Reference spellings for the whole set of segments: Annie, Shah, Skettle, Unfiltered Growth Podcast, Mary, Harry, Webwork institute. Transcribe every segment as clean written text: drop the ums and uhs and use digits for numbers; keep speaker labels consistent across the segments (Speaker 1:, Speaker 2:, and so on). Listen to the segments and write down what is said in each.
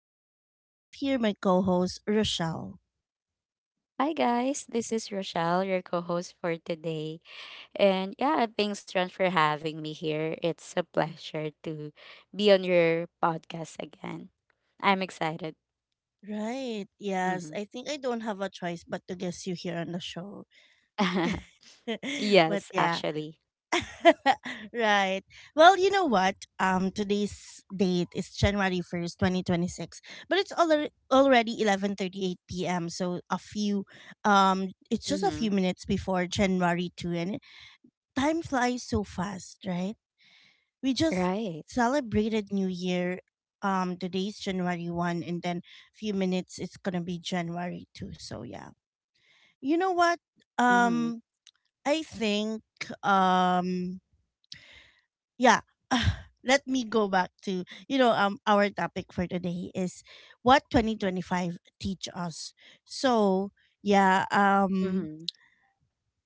Speaker 1: Ron, and I have here my co host, Rochelle.
Speaker 2: Hi guys, this is Rochelle, your co-host for today. And yeah, thanks Ron for having me here. It's a pleasure to be on your podcast again. I'm excited.
Speaker 1: Right. Yes.
Speaker 2: Hmm
Speaker 1: I think I don't have a choice but to guess you here on the show. But
Speaker 2: Yes,
Speaker 1: yeah.
Speaker 2: actually.
Speaker 1: Right. Well, you know what? Today's date is January 1st, 2026, but it's already 11:38 p.m., so a few it's just a few
Speaker 2: Hmm
Speaker 1: minutes before January 2nd, and time flies so fast, right? We just
Speaker 2: Right.
Speaker 1: celebrated New Year. Today's January 1st, and then a few minutes it's gonna be January 2nd. So, yeah. You know what?
Speaker 2: hmm
Speaker 1: Um, I think, um, yeah. Let me go back to, our topic for today is what 2025 teach us. So, yeah, um,
Speaker 2: hmm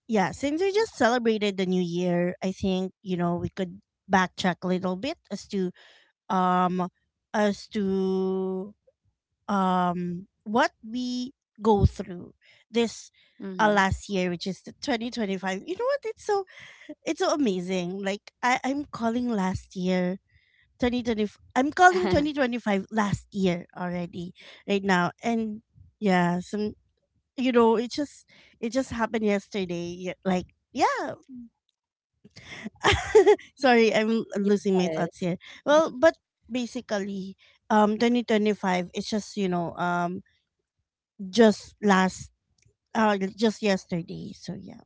Speaker 1: yeah, since we just celebrated the new year, I think, you know, we could backtrack a little bit as to um as to what we go through this
Speaker 2: hmm
Speaker 1: last year, which is the 2025. You know what? It's so amazing. Like, I'm calling last year 2020, I'm calling 2025 last year already right now. And yeah, some, you know, it just happened yesterday. Yeah, like, yeah, sorry, I'm losing my
Speaker 2: Yes.
Speaker 1: thoughts here. Well,
Speaker 2: Mm-hmm.
Speaker 1: but basically, 2025, it's just, just last just yesterday. So yeah,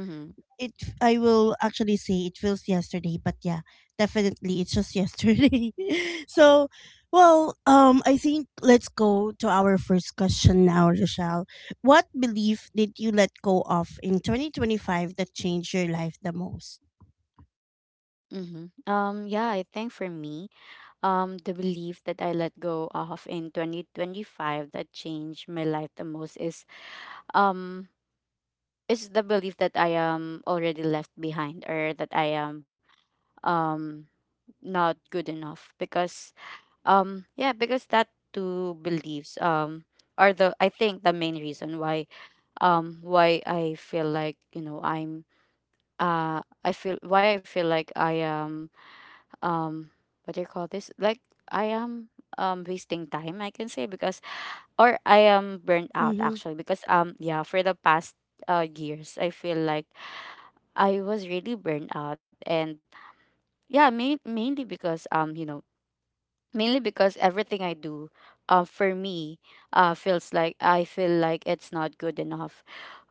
Speaker 2: Mm-hmm.
Speaker 1: it, I will actually say it feels yesterday, but yeah, definitely it's just yesterday. So, well, I think let's go to our first question now, Rochelle. What belief did you let go of in 2025 that changed your life the most?
Speaker 2: Mm-hmm. Yeah, I think for me, the belief that I let go of in 2025 that changed my life the most um is the belief that I am already left behind or that I am um not good enough. Because yeah, because that two beliefs are the I think the main reason why I feel like, you know, I'm I feel why I feel like I am, um what do you call this, like I am wasting time, I can say, because or I am burnt out
Speaker 1: Mm-hmm.
Speaker 2: actually. Because yeah, for the past years I feel like I was really burned out. And yeah, mainly because, you know, mainly because everything I do for me feels like, I feel like it's not good enough,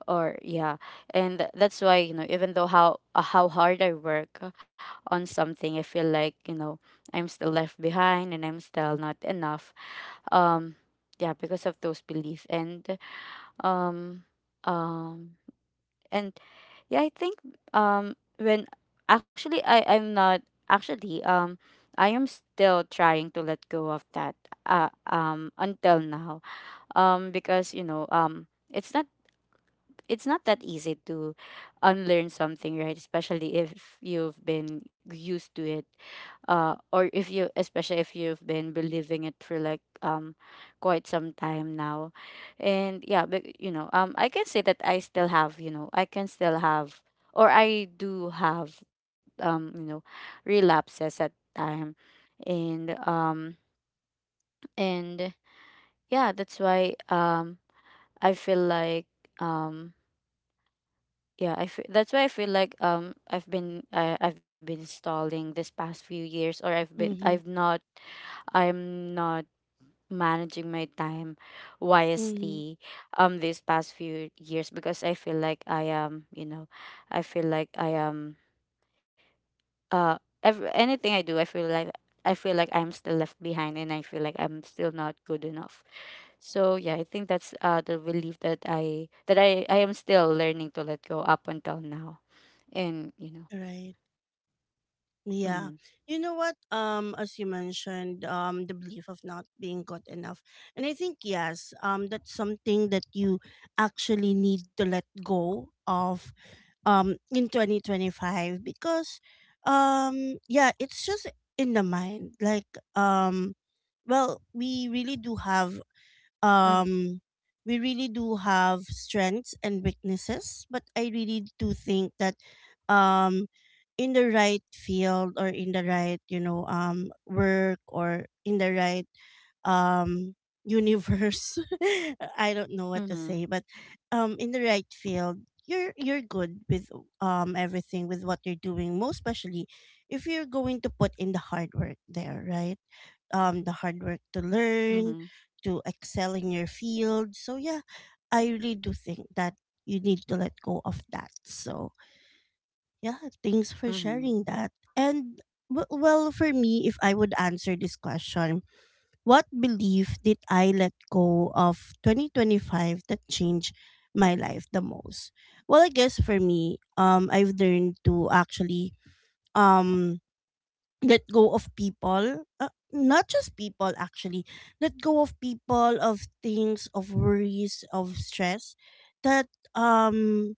Speaker 2: or yeah. And that's why, you know, even though how hard I work on something, I feel like, you know, I'm still left behind and I'm still not enough. Um yeah, because of those beliefs. And um um and yeah, I think when actually I I'm not actually, I am still trying to let go of that until now, because, you know, it's not, it's not that easy to unlearn something, right? Especially if you've been used to it, or if you, especially if you've been believing it for like, quite some time now, and yeah. But you know, I can say that I can still have, or I do have, um, you know, relapses at time, and and yeah, that's why, I feel like um that's why I feel like, I've been, I've been stalling this past few years. Or I've been,
Speaker 1: Mm-hmm.
Speaker 2: I'm not managing my time
Speaker 1: Mm-hmm.
Speaker 2: wisely, these past few years, because I feel like I am, you know, I feel like I am, anything I do I feel like, I feel like I'm still left behind and I feel like I'm still not good enough. So yeah, I think that's the belief that I am still learning to let go up until now. And you know.
Speaker 1: Right.
Speaker 2: Mhm
Speaker 1: Yeah. You know what? As you mentioned, the belief of not being good enough. And I think yes, that's something that you actually need to let go of in 2025, because yeah, it's just in the mind, like, um well,
Speaker 2: mhm
Speaker 1: um we really do have strengths and weaknesses, but I really do think that, um in the right field or in the right, you know, work, or in the right, um universe, I don't know what to
Speaker 2: mhm
Speaker 1: say, but in the right field, you're good with everything with what you're doing, most especially if you're going to put in the hard work there, right? The hard work to
Speaker 2: mhm
Speaker 1: learn, to excel in your field. So yeah, I really do think that you need to let go of that. So yeah, thanks for
Speaker 2: mhm
Speaker 1: sharing that. And well, for me, if I would answer this question, what belief did I let go of 2025 that changed my life the most? Well, I guess for me, I've learned to actually um let go of people. Not just people, actually let go of people, of things, of worries, of stress that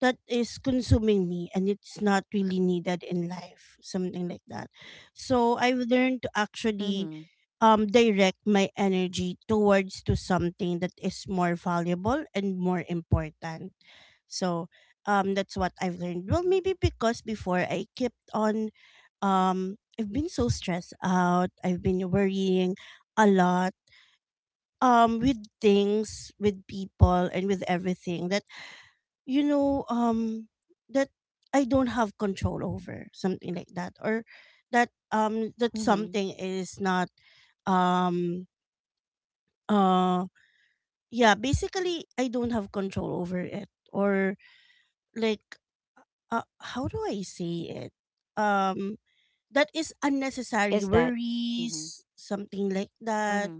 Speaker 1: that is consuming me and it's not really needed in life, something like that. So I've learned to
Speaker 2: mhm
Speaker 1: actually direct my energy towards to something that is more valuable and more important. So that's what I've learned. Well, maybe because before I kept on, I've been so stressed out, I've been worrying a lot, with things, with people, and with everything, you know, that I don't have control over, something like that, or that, that
Speaker 2: mhm
Speaker 1: something is not, um uh yeah, basically I don't have control over it, or like, uh, how do I say it, um that is
Speaker 2: Is that.
Speaker 1: unnecessary
Speaker 2: Mhm
Speaker 1: worries, something like that.
Speaker 2: mhm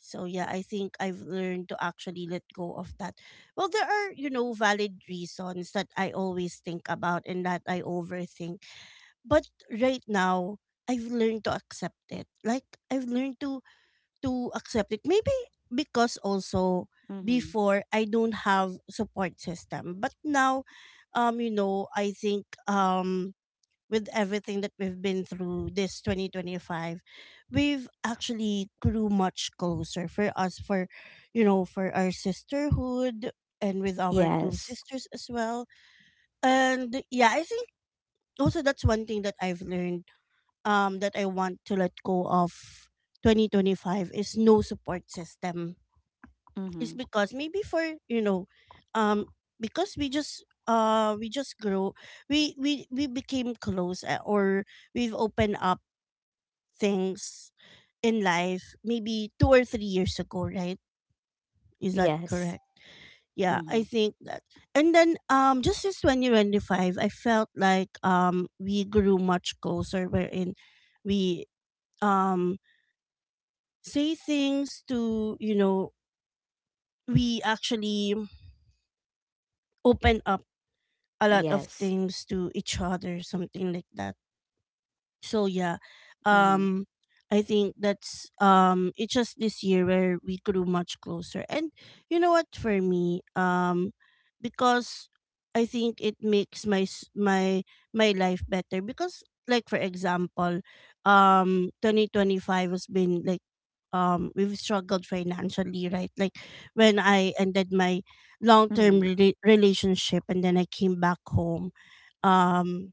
Speaker 1: So yeah, I think I've learned to actually let go of that. Well, there are, you know, valid reasons that I always think about and that I overthink. But right now, I've learned to accept it. Like I've learned to accept it. Maybe because also
Speaker 2: mhm
Speaker 1: before I don't have support system. But now, you know, I think, with everything that we've been through this 2025, we've actually grew much closer, for us, for, you know, for our sisterhood, and with our two
Speaker 2: Yes.
Speaker 1: sisters as well. And yeah, I think also that's one thing that I've learned, that I want to let go of 2025 is no support system.
Speaker 2: mhm
Speaker 1: It's because maybe for, you know, um because we just grow, we became close, or we've opened up things in life maybe 2 or 3 years ago, right? Is that
Speaker 2: Yes.
Speaker 1: correct? Yeah, I
Speaker 2: mhm
Speaker 1: think that. And then just since 2025, I felt like we grew much closer, wherein we, um say things to, you know, we actually open up a lot of
Speaker 2: Yes.
Speaker 1: things to each other, something like that. So yeah,
Speaker 2: mhm
Speaker 1: um I think that's, it's just this year where we grew much closer. And you know what, for me, because I think it makes my my life better, because like for example, 2025 has been like, we've struggled financially, right? Like when I ended my long-term
Speaker 2: mhm
Speaker 1: relationship and then I came back home, um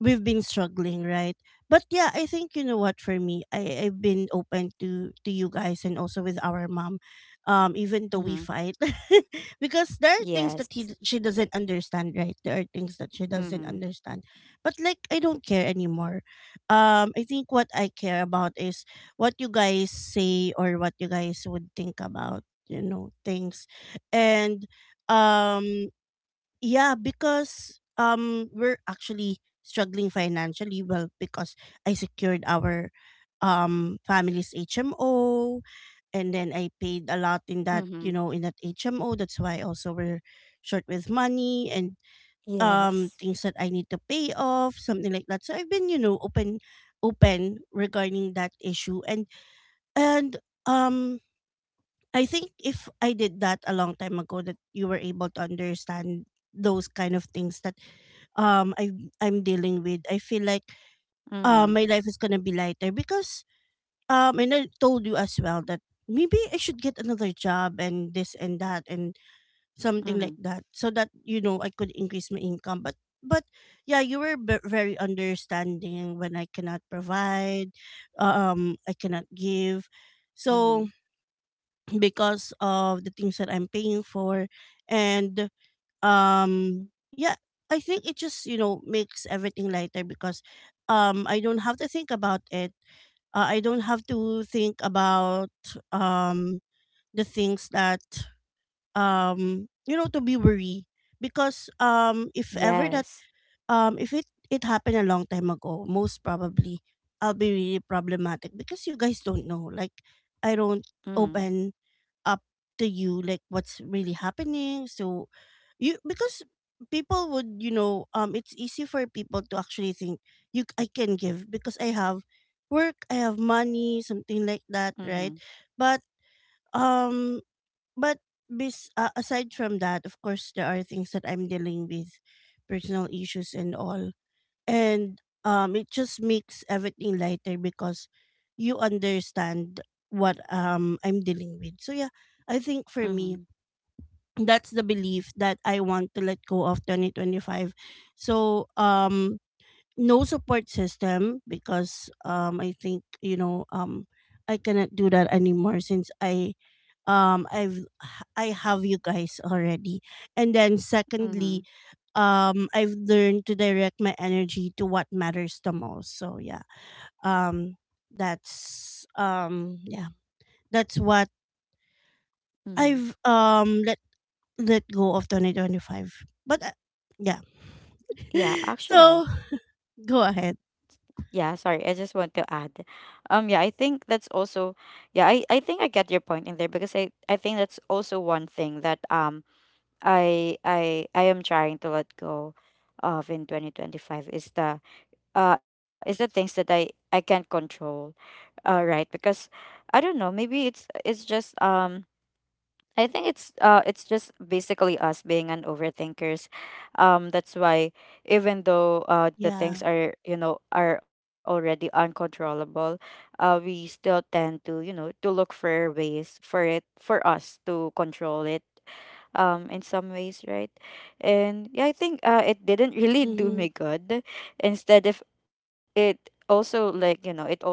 Speaker 1: we've been struggling, right? But yeah, I think, you know what, for me, I've been open to you guys, and also with our mom, even though we
Speaker 2: mhm
Speaker 1: fight, because there are things that
Speaker 2: Yes.
Speaker 1: he she doesn't understand, right? There are things that she doesn't
Speaker 2: mhm
Speaker 1: understand, but like I don't care anymore. I think what I care about is what you guys say or what you guys would think about, you know, things, and um yeah, because we're actually struggling financially. Well, because I secured our family's HMO, and then I paid a lot in that,
Speaker 2: mhm
Speaker 1: you know, in that HMO. That's why also we're short with money, and
Speaker 2: Yes.
Speaker 1: things that I need to pay off, something like that. So I've been, you know, open, open regarding that issue, and um I think if I did that a long time ago that you were able to understand those kind of things that, I, I'm dealing with. I feel like,
Speaker 2: mhm
Speaker 1: my life is gonna be lighter because, and I told you as well that maybe I should get another job and this and that and something
Speaker 2: mhm
Speaker 1: like that, so that, you know, I could increase my income. But yeah, you were very understanding when I cannot provide, I cannot
Speaker 2: mhm
Speaker 1: give. So because of the things that I'm paying for, and um yeah, I think it just, you know, makes everything lighter because, I don't have to think about it. I don't have to think about, um the things that, you know, to be worried, because if ever that,
Speaker 2: Yes.
Speaker 1: if it happened a long time ago, most probably I'll be really problematic because you guys don't know, like I don't
Speaker 2: mhm
Speaker 1: open up to you like what's really happening. So you, because people would, you know, it's easy for people to actually think you I can give because I have work, I have money, something like that,
Speaker 2: mhm
Speaker 1: right? But um but bes- uh, aside from that, of course there are things that I'm dealing with, personal issues and all, and it just makes everything lighter because you understand what, I'm dealing with. So yeah, I think for me
Speaker 2: mhm
Speaker 1: that's the belief that I want to let go of 2025. So no support system, because I think, you know, I cannot do that anymore since um I've I have you guys already. And then
Speaker 2: mhm
Speaker 1: secondly, I've learned to direct my energy to what matters the most. So yeah. Um that's Yeah. That's what
Speaker 2: mhm
Speaker 1: I've let go of 2025. But yeah.
Speaker 2: Yeah,
Speaker 1: So
Speaker 2: actually.
Speaker 1: go ahead.
Speaker 2: Yeah, sorry, I just want to add, yeah, I think that's also, yeah, I think I get your point in there, because I think that's also one thing that, I am trying to let go of in 2025 is the things that I can't control, right? Because I don't know, maybe it's just I think it's just basically us being an overthinkers. That's why even though, the things
Speaker 1: Yeah.
Speaker 2: are, you know, are already uncontrollable, we still tend to, you know, to look for ways for it for us to control it in some ways, right? And yeah, I think it didn't really do
Speaker 1: Mhm.
Speaker 2: me good. Instead, if it also, like, you know, it also,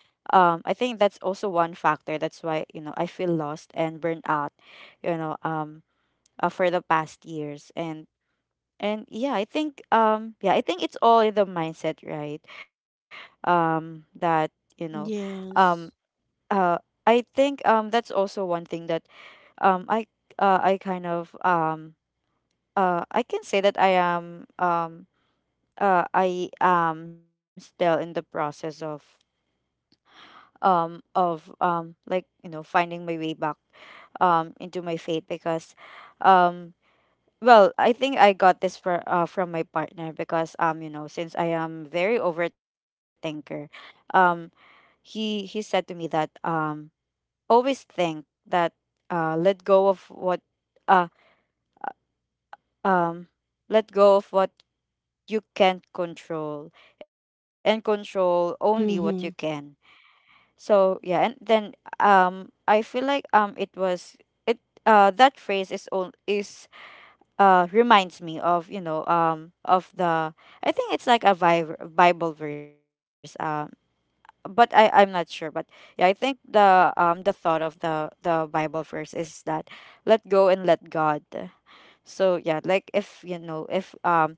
Speaker 2: I think that's also one factor that's why, you know, I feel lost and burned out, you know, for the past years. And yeah, I think, I think it's all in the mindset, right? That, you know, um
Speaker 1: Yes.
Speaker 2: uh I think, that's also one thing that, um i I kind of, I can say that I am, I am still in the process of, like, you know, finding my way back into my faith. Because um I think I got this for, from my partner, because you know, since I am very overthinker, um he said to me that always think that let go of what uh um let go of what you can't control and control only what you can.
Speaker 1: Mhm.
Speaker 2: So yeah, and then I feel like it was it that phrase is reminds me of, you know, of the, I think it's like a bible verse, but I'm not sure. But yeah, I think the thought of the Bible verse is that let go and let God. So yeah, like if, you know, if,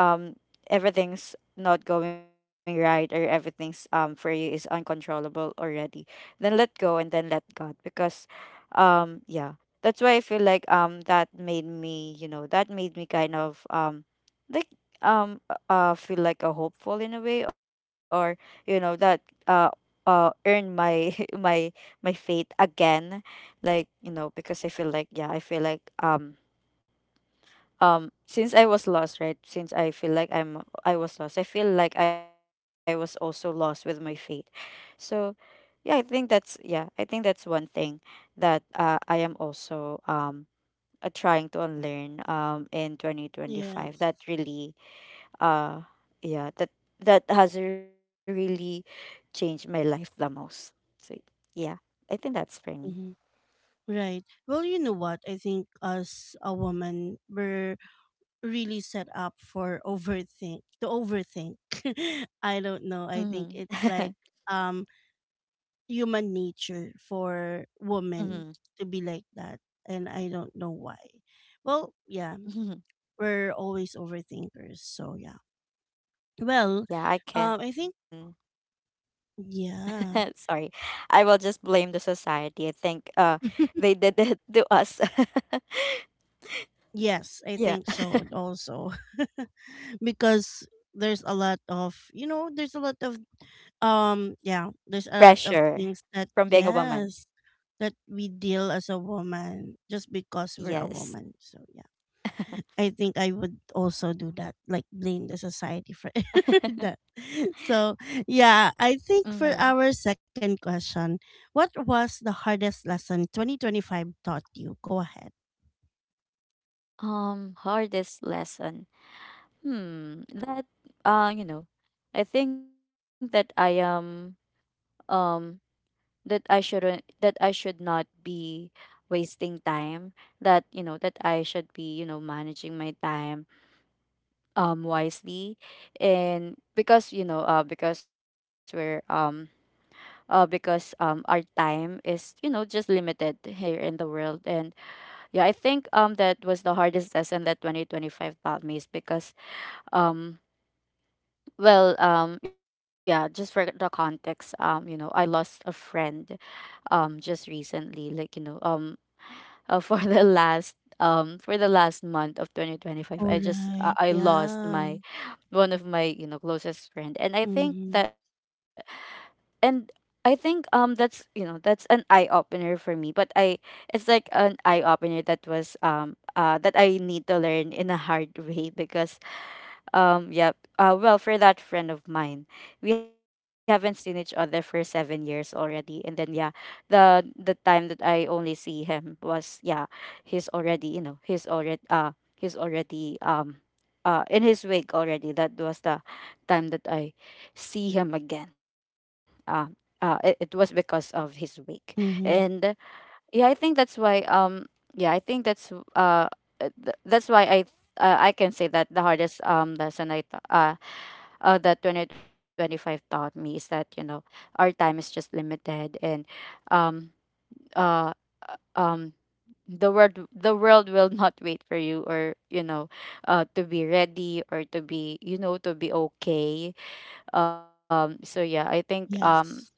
Speaker 2: um everything's not going right or everything's, for you, is uncontrollable already, then let go and then let God. Because yeah, that's why I feel like, that made me, you know, that made me kind of, like um uh feel like a hopeful in a way, or you know that uh earn my my faith again. Like, you know, because I feel like, yeah, I feel like, since I was lost, right? Since I feel like I was lost, I feel like I was also lost with my faith. So yeah, I think that's, yeah, I think that's one thing that, I am also, trying to unlearn in 2025
Speaker 1: Yes.
Speaker 2: that really uh yeah, that has really changed my life the most. So yeah, I think that's for me.
Speaker 1: Mhm. Right. Well, you know what? I think as a woman, we're really set up for overthink. I don't know, I
Speaker 2: Mhm.
Speaker 1: think it's like, um human nature for women
Speaker 2: Mhm.
Speaker 1: to be like that, and I don't know why. Well yeah, we're always overthinkers. So yeah. Well, I
Speaker 2: Yeah,
Speaker 1: think,
Speaker 2: I can.
Speaker 1: yeah.
Speaker 2: Sorry. I will just blame the society. I think they did it to us.
Speaker 1: Yes, I think so
Speaker 2: Yeah.
Speaker 1: also. Because there's a lot of, you know, there's a lot of yeah, there's a lot of
Speaker 2: Pressure
Speaker 1: things that
Speaker 2: from being a
Speaker 1: yes,
Speaker 2: woman.
Speaker 1: that we deal as a woman just because we're a woman. So
Speaker 2: Yes.
Speaker 1: yeah. I think I would also do that, like blame the society for that. So yeah, I think for
Speaker 2: Mm-hmm.
Speaker 1: our second question, what was the hardest lesson 2025 taught you? Go ahead.
Speaker 2: Hardest lesson. Hmm. That, you know, I think that I am, um that I shouldn't, that I should not be wasting time, that, you know, that I should be, you know, managing my time wisely. And because, you know, because our time is, you know, just limited here in the world. And yeah, I think, that was the hardest lesson that 2025 taught me. Is because, um yeah, just for the context, you know, I lost a friend just recently, like, you know, for the last, for the last month of 2025,
Speaker 1: All
Speaker 2: I just
Speaker 1: right.
Speaker 2: I lost
Speaker 1: Yeah.
Speaker 2: my one of my, you know, closest friend. And I think
Speaker 1: Mm-hmm.
Speaker 2: that, and I think, that's, you know, that's an eye opener for me. But I it's like an eye opener that was, that I need to learn in a hard way. Because, yep. Well, for that friend of mine, we haven't seen each other for 7 years already. And then yeah, the time that I only see him was, yeah, he's already, you know, he's already, he's already, in his wake already. That was the time that I see him again. It, it was because of his wake. And
Speaker 1: Mm-hmm.
Speaker 2: yeah, I think that's why. Yeah, I think that's that's why I can say that the hardest lesson that 2025 taught me is that, you know, our time is just limited. And um uh um the world, the world will not wait for you, or you know, to be ready or to be, you know, to be okay. So yeah, I think,
Speaker 1: Yes.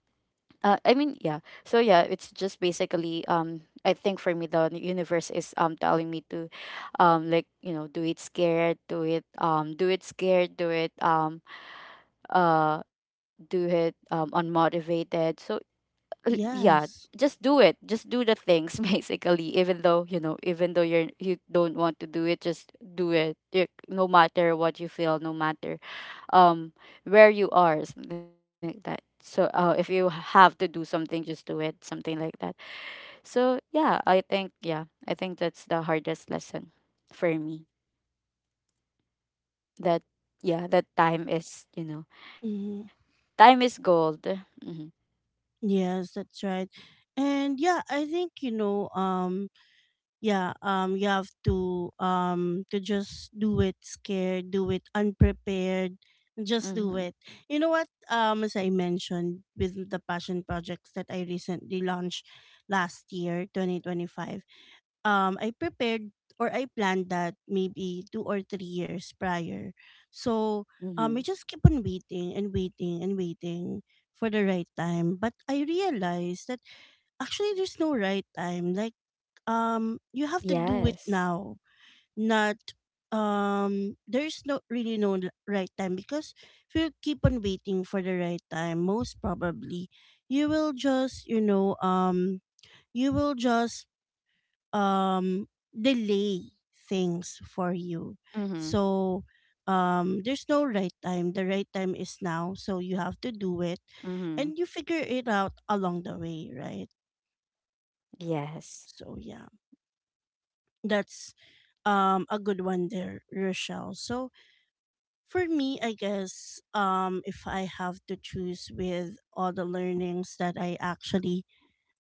Speaker 2: I mean, yeah. So yeah, it's just basically, I think for me the universe is, telling me to, like, you know, do it scared, do it scared, do it unmotivated. So, yeah,
Speaker 1: Yes.
Speaker 2: just do it. Just do the things basically. Even though, you know, even though you don't want to do it, just do it. No matter what you feel, no matter, um where you are, something like that. So if you have to do something, just do it, something like that. So yeah, I think, yeah, I think that's the hardest lesson for me. That, yeah, that time is, you know,
Speaker 1: Mm-hmm.
Speaker 2: time is gold. Mm-hmm.
Speaker 1: Yes, that's right. And yeah, I think, you know, yeah, you have to just do it scared, do it unprepared, just do it.
Speaker 2: Mm-hmm.
Speaker 1: You know what? As I mentioned with the passion projects that I recently launched last year, 2025. I prepared or I planned that maybe 2 or 3 years prior. So I just
Speaker 2: Mm-hmm.
Speaker 1: keep on waiting and waiting and waiting for the right time. But I realized that actually there's no right time. Like you have to do it
Speaker 2: Yes.
Speaker 1: now, not there's no really no right time, because if you keep on waiting for the right time, most probably you will just you will just um delay things for you,
Speaker 2: Mm-hmm.
Speaker 1: so there's no right time, the right time is now, so you have to do it
Speaker 2: Mm-hmm.
Speaker 1: and you figure it out along the way, right?
Speaker 2: Yes.
Speaker 1: So yeah, that's a good one there, Rochelle. So for me, I guess if I have to choose with all the learnings that I actually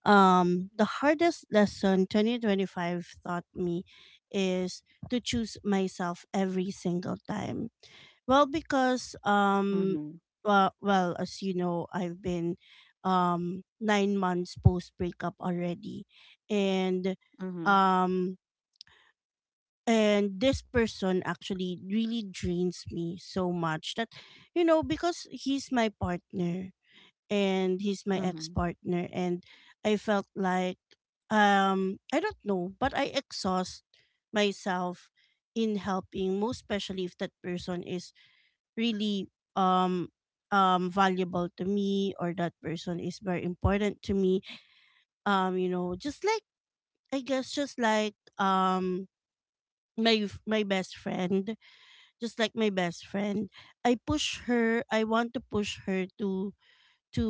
Speaker 1: The hardest lesson 2025 taught me is to choose myself every single time. Well, because
Speaker 2: Mm-hmm.
Speaker 1: well, as you know, I've been 9 months post breakup already, and
Speaker 2: Mm-hmm.
Speaker 1: um this person actually really drains me so much. That, you know, because he's my partner and he's my
Speaker 2: Mm-hmm.
Speaker 1: ex-partner, and I felt like I don't know, but I exhaust myself in helping, most especially if that person is really um valuable to me, or that person is very important to me. You know, just like I guess just like my best friend, just like my best friend, I push her. I want to push her to to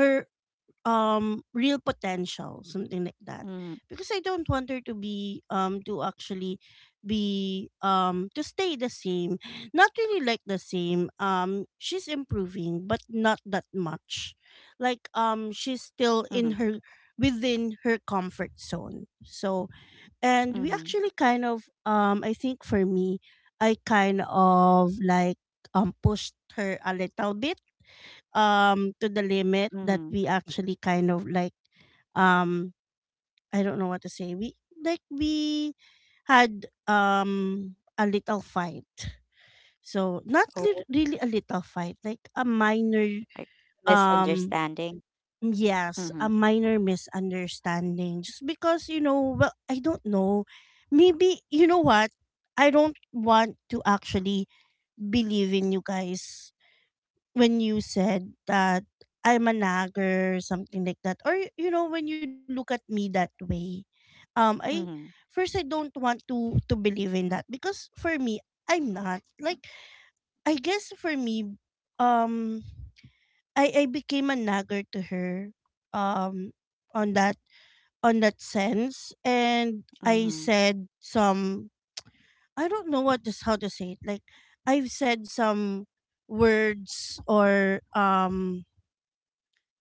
Speaker 1: her real potential, something like that.
Speaker 2: Mm-hmm.
Speaker 1: Because I don't want her to be to actually be to stay the same. Not really like the same, she's improving but not that much. Like she's
Speaker 2: Mm-hmm.
Speaker 1: still in her within her comfort zone. So, and we
Speaker 2: Mm-hmm.
Speaker 1: actually kind of I think for me, I kind of like pushed her a little bit to the limit
Speaker 2: Mm-hmm.
Speaker 1: that we actually kind of like um I don't know what to say. We like, we had a little fight. So not
Speaker 2: Oh.
Speaker 1: really a little fight, like a minor
Speaker 2: Like,
Speaker 1: um
Speaker 2: misunderstanding.
Speaker 1: yes,
Speaker 2: Mm-hmm.
Speaker 1: a minor misunderstanding, just because, you know, well, I don't know. Maybe you know what? I don't want to actually believe in you guys when you said that I'm a nagger, something like that, or you know, when you look at me that way, I
Speaker 2: Mm-hmm.
Speaker 1: first I don't want to believe in that, because for me, I'm not like I guess for me, um, I became a nagger to her, um, on that on that sense, and I
Speaker 2: Mm-hmm.
Speaker 1: said some I don't know what is how to say it. Like I've said some words or um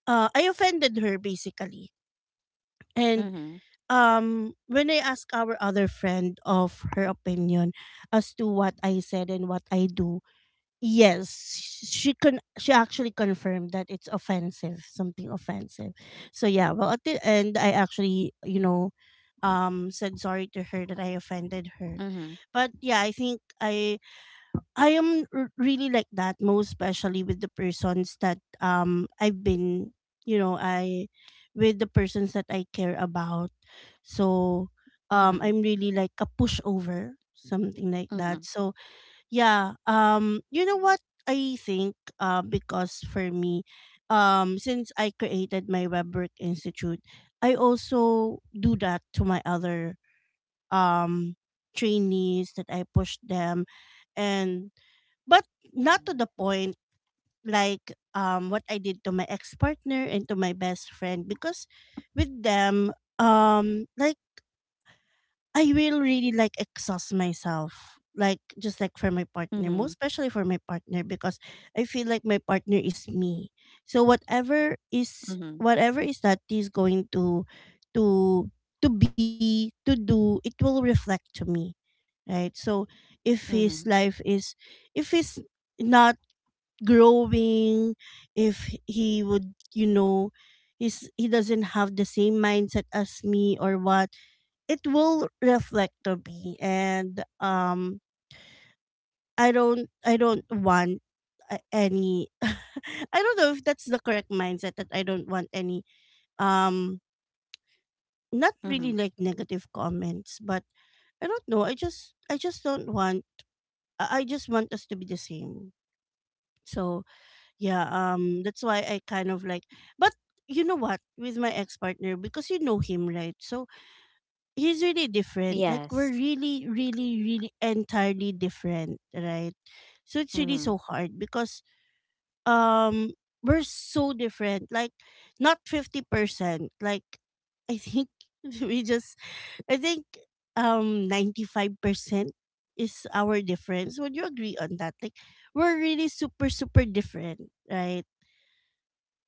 Speaker 1: uh, I offended her basically. And
Speaker 2: Mhm.
Speaker 1: when I asked our other friend of her opinion as to what I said and what I do, yes, she actually confirmed that it's offensive, something offensive. So yeah, well at the end, I actually, you know, said sorry to her that I offended her.
Speaker 2: Mhm.
Speaker 1: But yeah, I think I am really like that, most especially with the persons that I've been, you know, I with the persons that I care about. So
Speaker 2: Mhm.
Speaker 1: I'm really like a pushover, something like that.
Speaker 2: Mhm.
Speaker 1: So yeah, you know what, I think because for me since I created my Webwork institute, I also do that to my other um trainees, that I pushed them and but not to the point like what I did to my ex partner and to my best friend, because with them like I will really like exhaust myself, like just like for my partner,
Speaker 2: Mhm.
Speaker 1: most especially for my partner, because I feel like my partner is me. So
Speaker 2: Mhm.
Speaker 1: whatever is that is going to to to be to do, it will reflect to me, right? So if
Speaker 2: Mhm.
Speaker 1: his life is if he's not growing, if he would, you know, is he doesn't have the same mindset as me or what, it will reflect to me. And I don't want any I don't know if that's the correct mindset, that I don't want any um not
Speaker 2: Mhm.
Speaker 1: really like negative comments, but I don't know, I just don't want I just want us to be the same. So yeah, that's why I kind of like but you know what, with my ex partner, because you know him, right? So he's really different. Like
Speaker 2: Yes.
Speaker 1: we're really, really, really entirely different, right? So it's really
Speaker 2: Mhm.
Speaker 1: so hard because um we're so different. Like not 50%. Like I think we just I think 95% is our difference. Would you agree on that? Like we're really super, super different, right?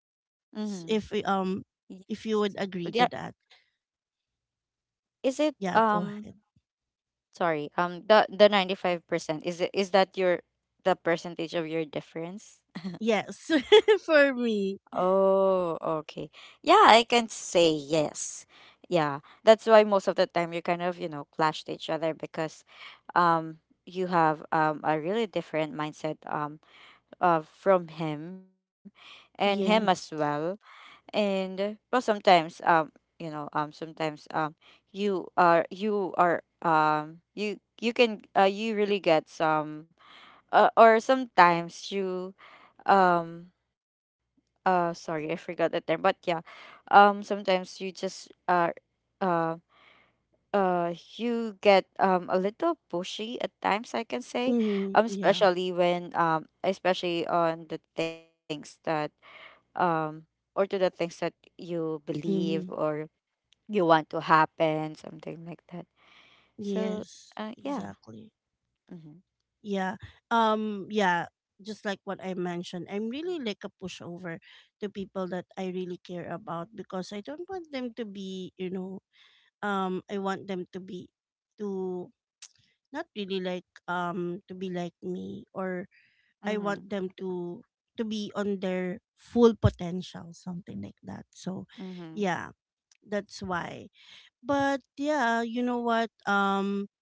Speaker 2: Mhm.
Speaker 1: S- If we- um
Speaker 2: Yes.
Speaker 1: if you would
Speaker 2: Yeah.
Speaker 1: agree to that.
Speaker 2: Is it
Speaker 1: Yeah, go ahead.
Speaker 2: sorry, the 95% is it, is that your, the percentage of your difference?
Speaker 1: Yes. For me.
Speaker 2: Oh, okay. Yeah, I can say yes. Yeah. That's why most of the time you kind of, you know, clash to each other because um you have a really different mindset from him and him as
Speaker 1: Yes.
Speaker 2: well and well sometimes sometimes you can you really get some or sometimes you um sorry, I forgot the term but yeah, sometimes you just are uh uh you get a little pushy at times I can say,
Speaker 1: Mm-hmm. Yeah.
Speaker 2: especially when especially on the things that um or to the things that you believe
Speaker 1: Mm-hmm.
Speaker 2: or you want to happen, something like that. So
Speaker 1: Yes.
Speaker 2: yeah.
Speaker 1: Exactly.
Speaker 2: Mm-hmm.
Speaker 1: Yeah. Yeah. Just like what I mentioned, I'm really like a pushover to people that I really care about, because I don't want them to be, you know, I want them to be, to not really like to be like me, or I want
Speaker 2: Mm-hmm.
Speaker 1: them to be on their full potential, something like that. So,
Speaker 2: Mm-hmm.
Speaker 1: yeah, that's why. But yeah, you know what? Um,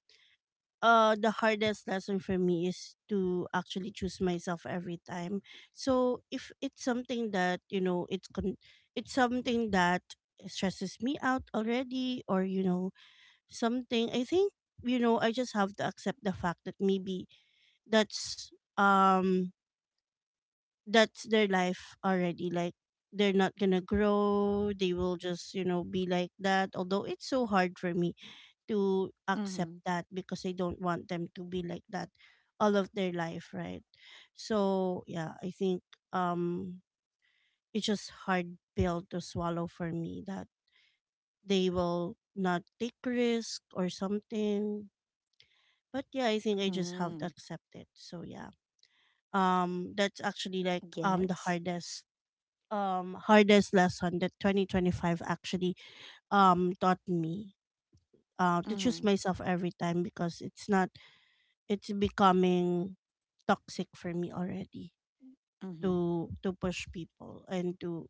Speaker 1: uh The hardest lesson for me is to actually choose myself every time. So if it's something that, you know, it's something that stresses me out already, or you know, something, I think, you know, I just have to accept the fact that maybe that's um that's their life already. Like they're not gonna grow, they will just, you know, be like that, although it's so hard for me to
Speaker 2: Mm-hmm.
Speaker 1: accept that, because I don't want them to be like that all of their life, right? So yeah, I think um it's just hard pill to swallow for me that they will not take risk or something. But yeah, I think I just have
Speaker 2: Mm.
Speaker 1: to accept it. So yeah. Um, that's actually like the
Speaker 2: Yes.
Speaker 1: hardest hardest lesson that 2025 actually taught me, to
Speaker 2: Mm-hmm.
Speaker 1: choose myself every time, because it's not, it's becoming toxic for me already,
Speaker 2: Mm-hmm.
Speaker 1: to push people, and to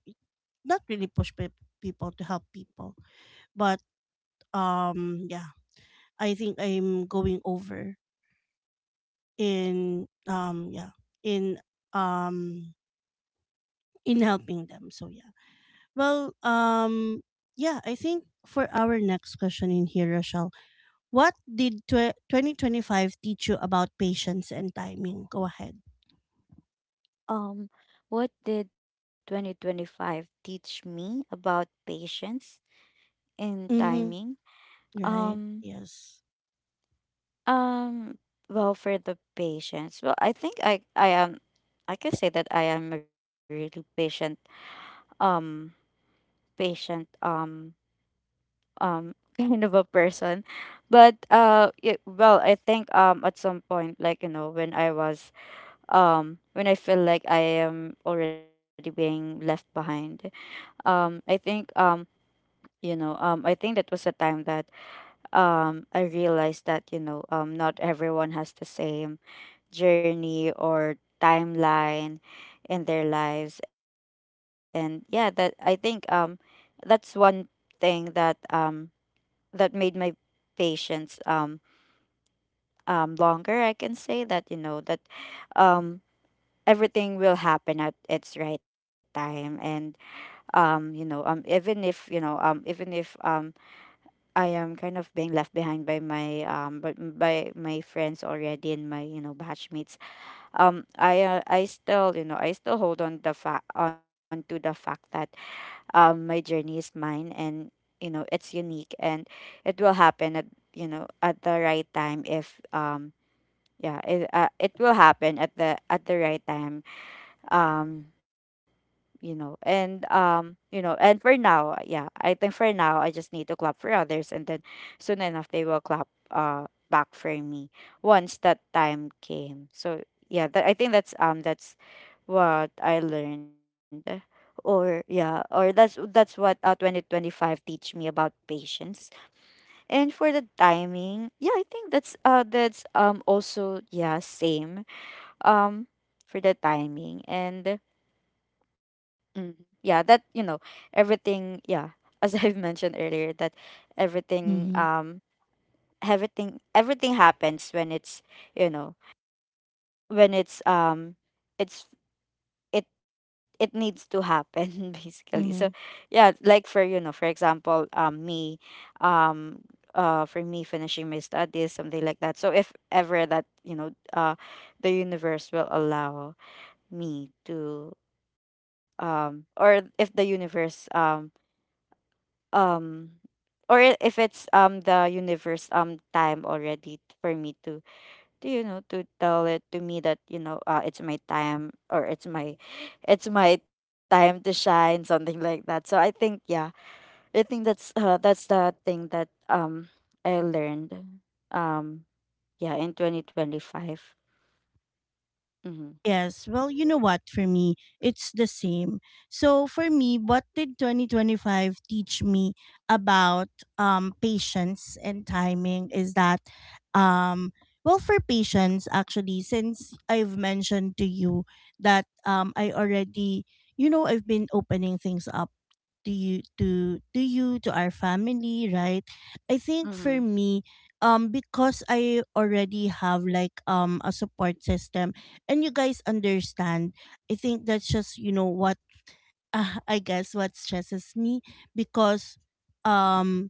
Speaker 1: not really push pe- people to help people. But yeah, I think I'm going over in yeah, in um in helping them. So yeah. Well yeah, I think for our next question in here, Rochelle. What did 2025 teach you about patience and timing? Go ahead.
Speaker 2: um what did 2025 teach me about patience and
Speaker 1: Mm-hmm.
Speaker 2: timing?
Speaker 1: Right.
Speaker 2: um
Speaker 1: Yes.
Speaker 2: um well, for the patience, well, I think I am, I can say that I am a really patient, um patient, kind of a person. But it, well, I think at some point, like, you know, when I was, when I feel like I am already being left behind, I think, I think that was a time that I realized that, you know, not everyone has the same journey or timeline in their lives. And yeah, that, I think, that's one thing that, that made my patience longer, I can say. That, you know, that, um everything will happen at its right time. And even if, you know, even if, I am kind of being left behind by my, but by my friends already and my, you know, batchmates, I still, you know, I still hold on the fact, on to the fact that, my journey is mine, and you know, it's unique, and it will happen at, you know, at the right time. If yeah, it will happen at the right time. um you know, and you know, and for now, yeah, I think for now I just need to clap for others, and then soon enough they will clap back for me once that time came. So yeah, that's what I learned. Or yeah, or that's what 2025 teach me about patience. And for the timing, yeah, I think that's also, yeah, same um for the timing. And mm. Yeah, that, you know, everything, yeah, as I've mentioned earlier, that everything
Speaker 1: Mm-hmm.
Speaker 2: everything happens when it's, you know, when it's, it's, it it needs to happen basically. So yeah, like, for, you know, for example, me, um for me finishing my studies, something like that. So if ever that, you know, the universe will allow me to, or if the universe um or if it's the universe time already for me to, you know, to tell it to me that, you know, it's my time, or it's my, it's my time to shine, something like that. So I think, yeah, I think that's the thing that I learned, um yeah, in 2025. Mm-hmm.
Speaker 1: Yes, well, you know what, for me, it's the same. So, for me, what did 2025 teach me about patience and timing is that, um, well, for patience, actually, since I've mentioned to you that I already, you know, I've been opening things up to you to our family, right? I think
Speaker 2: Mm-hmm.
Speaker 1: for me because I already have like a support system and you guys understand, I think that's just, you know what, I guess what stresses me, because um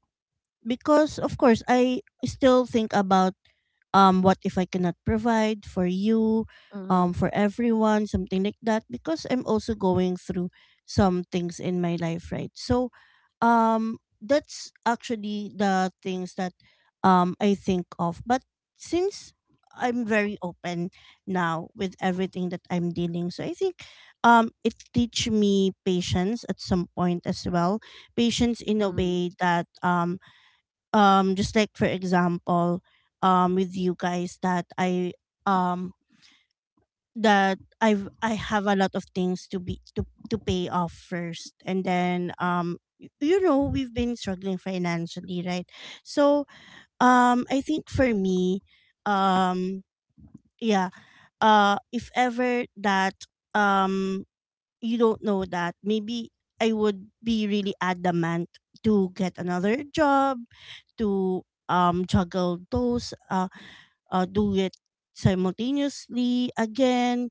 Speaker 1: because of course I still think about what if I cannot provide for you, for everyone, something like that, because I'm also going through some things in my life, right? So that's actually the things that I think of. But since I'm very open now with everything that I'm dealing. So I think it teach me patience at some point as well. Patience in a
Speaker 2: Mm-hmm.
Speaker 1: way that just like for example with you guys that I um that I have a lot of things to be to pay off first. And then you know, we've been struggling financially, right? So I think for me um yeah, if ever that um you don't know that maybe I would be really adamant to get another job, to juggle those do it simultaneously again.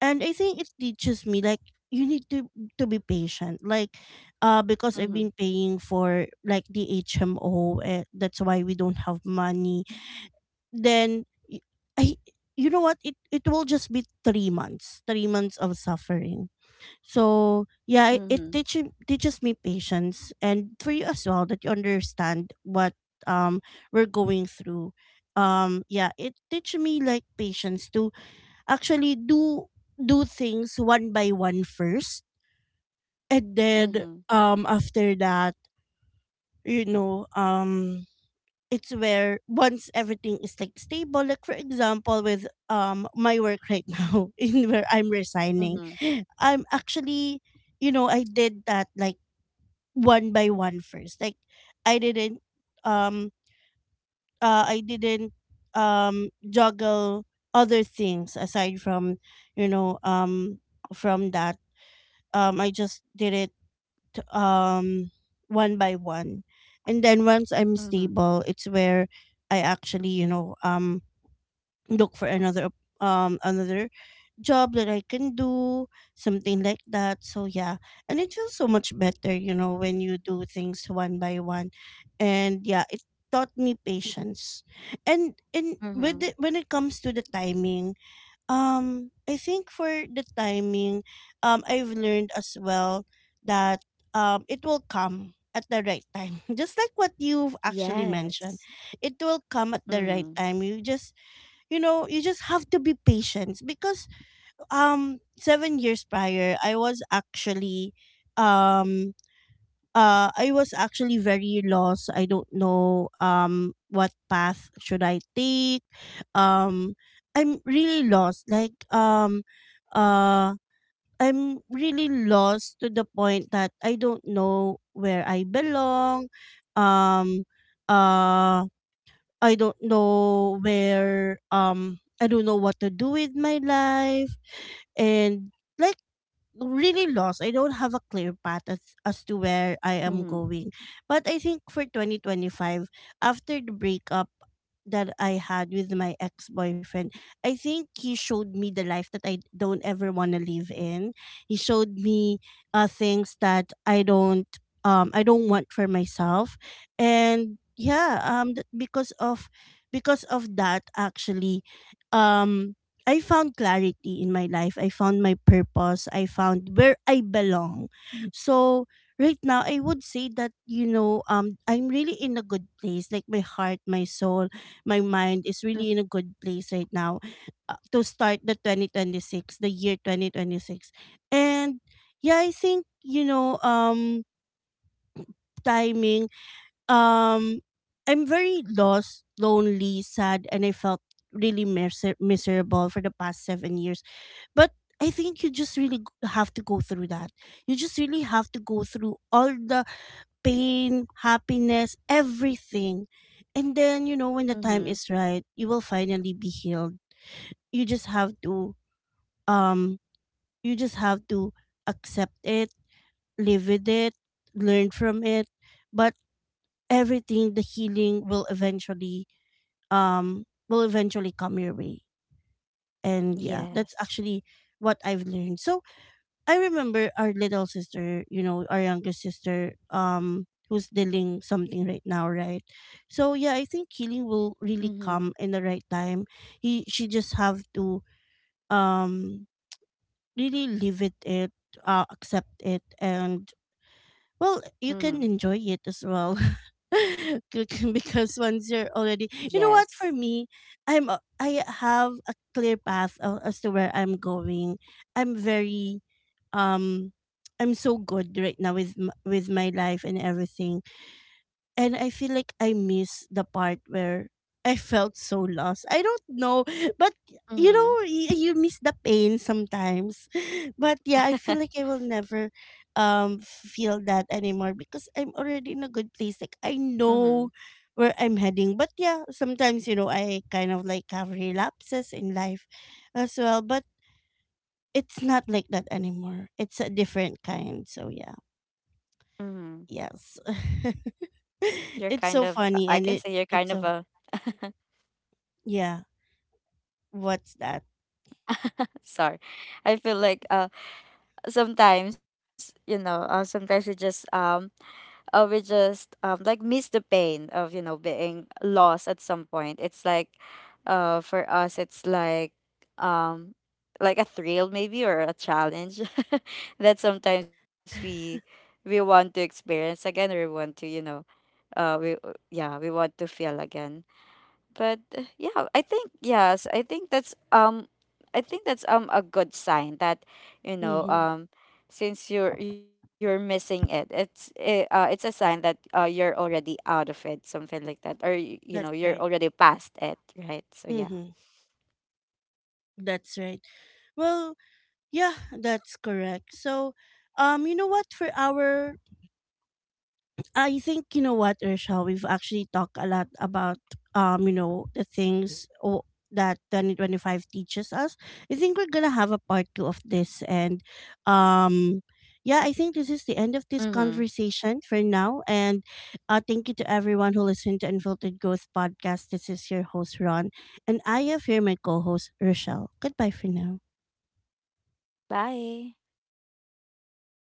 Speaker 1: And I think it teaches me like you need to be patient. Like
Speaker 2: Mm-hmm.
Speaker 1: because I've been paying for like the HMO, eh, that's why we don't have money. Then y- I you know what, it will just be 3 months, 3 months of suffering. So
Speaker 2: Mm-hmm.
Speaker 1: yeah, it teaches teaches me patience, and for you as well, that you understand what um we're going through. Um, yeah, it teaches me like patience to actually do do things one by one first. And
Speaker 2: Mm-hmm.
Speaker 1: then after that, you know, it's where once everything is like stable, like for example with my work right now in where I'm
Speaker 2: Mm-hmm.
Speaker 1: resigning,
Speaker 2: Mm-hmm.
Speaker 1: I'm actually, you know, I did that like one by one first. Like I didn't um I didn't juggle other things aside from, you know, from that. Um, I just did it um one by one. And then once I'm
Speaker 2: Mm-hmm.
Speaker 1: stable, it's where I actually, look for another another job that I can do, something like that, so yeah. And it feels so much better, you know, when you do things one by one. And yeah, it taught me patience. And with
Speaker 2: Mm-hmm.
Speaker 1: it, when it comes to the timing, I think for the timing, I've learned as well that it will come at the right time just like what you've actually
Speaker 2: Yes.
Speaker 1: mentioned. It will come at the
Speaker 2: Mm-hmm.
Speaker 1: right time, you just you just have to be patient because 7 years prior I was actually, um I was actually very lost. I don't know what path should I take. um I'm really lost, like uh I'm really lost to the point that I don't know where I belong. um uh I don't know where, I don't know what to do with my life. And, like, really lost. I don't have a clear path as to where I
Speaker 2: Mhm.
Speaker 1: am going. But I think for 2025, after the breakup that I had with my ex boyfriend, I think he showed me the life that I don't ever want to live in. He showed me things that I don't, I don't want for myself. And yeah, because of, because of that actually, um I found clarity in my life. I found my purpose. I found where I belong. So right now I would say that, I'm really in a good place. Like, my heart, my soul, my mind
Speaker 2: Mm.
Speaker 1: is really in a good place right now, to start the 2026, the year 2026. And yeah, I think, timing, um I'm very lost, lonely, sad, and I felt really miserable for the past 7 years. But I think you just really have to go through that. You just really have to go through all the pain, happiness, everything. And then, you know, when the
Speaker 2: Mhm.
Speaker 1: time is right, you will finally be healed. You just have to, um you just have to accept it, live with it, learn from it. But everything, the healing will eventually, will eventually come your way. And yeah, that's
Speaker 2: Yes.
Speaker 1: actually what I've learned. So I remember our little sister, you know, our youngest sister, who's dealing something right now, right? So yeah, I think healing will really
Speaker 2: Mhm.
Speaker 1: come in the right time. He, she just have to, um really live it, accept it, and, well,
Speaker 2: Mhm.
Speaker 1: you can enjoy it as well. Because once you're already, you know what,
Speaker 2: Yes.
Speaker 1: for me, I'm I have a clear path as to where I'm going. I'm very, um I'm so good right now with with my life and everything. And I feel like I miss the part where I felt so lost. I don't know, but you know,
Speaker 2: Mhm.
Speaker 1: you miss the pain sometimes. But yeah, I feel like I will never, feel that anymore because I'm already in a good place. Like, I
Speaker 2: Mhm.
Speaker 1: know where I'm heading. But yeah, sometimes, you know, I kind of like have relapses in life as well, but it's not like that anymore. It's a different kind. So yeah.
Speaker 2: Mhm.
Speaker 1: Yes.
Speaker 2: You're kind of
Speaker 1: It's so
Speaker 2: I can
Speaker 1: funny,
Speaker 2: say you're
Speaker 1: and it,
Speaker 2: kind of a
Speaker 1: it's so, yeah, what's that?
Speaker 2: sorry. I feel like sometimes, you know, sometimes it just we just like, miss the pain of, you know, being lost at some point. It's like, for us it's um, like a thrill maybe, or a challenge that sometimes we want to experience again, or we want to, you know, we yeah, we want to feel again. But yeah, I think, yes, I think that's I think that's a good sign that, you know
Speaker 1: Mhm.
Speaker 2: um since you're missing it, it's a sign that you're already out of it, something like that, or you know,
Speaker 1: That's
Speaker 2: you're
Speaker 1: right.
Speaker 2: already past it, right? So yeah.
Speaker 1: Mhm. That's right. Well, yeah, that's correct. So, you know what for our I think you know what, Ursha, we've actually talked a lot about, you know, the things that 2025 teaches us. I think we're gonna have a part two of this and, um yeah, I think this is the end of this
Speaker 2: Mhm.
Speaker 1: conversation for now. And thank you to everyone who listened to Unfiltered Growth Podcast. This is your host, Ron. And I have here my co host, Rochelle. Goodbye for now.
Speaker 2: Bye.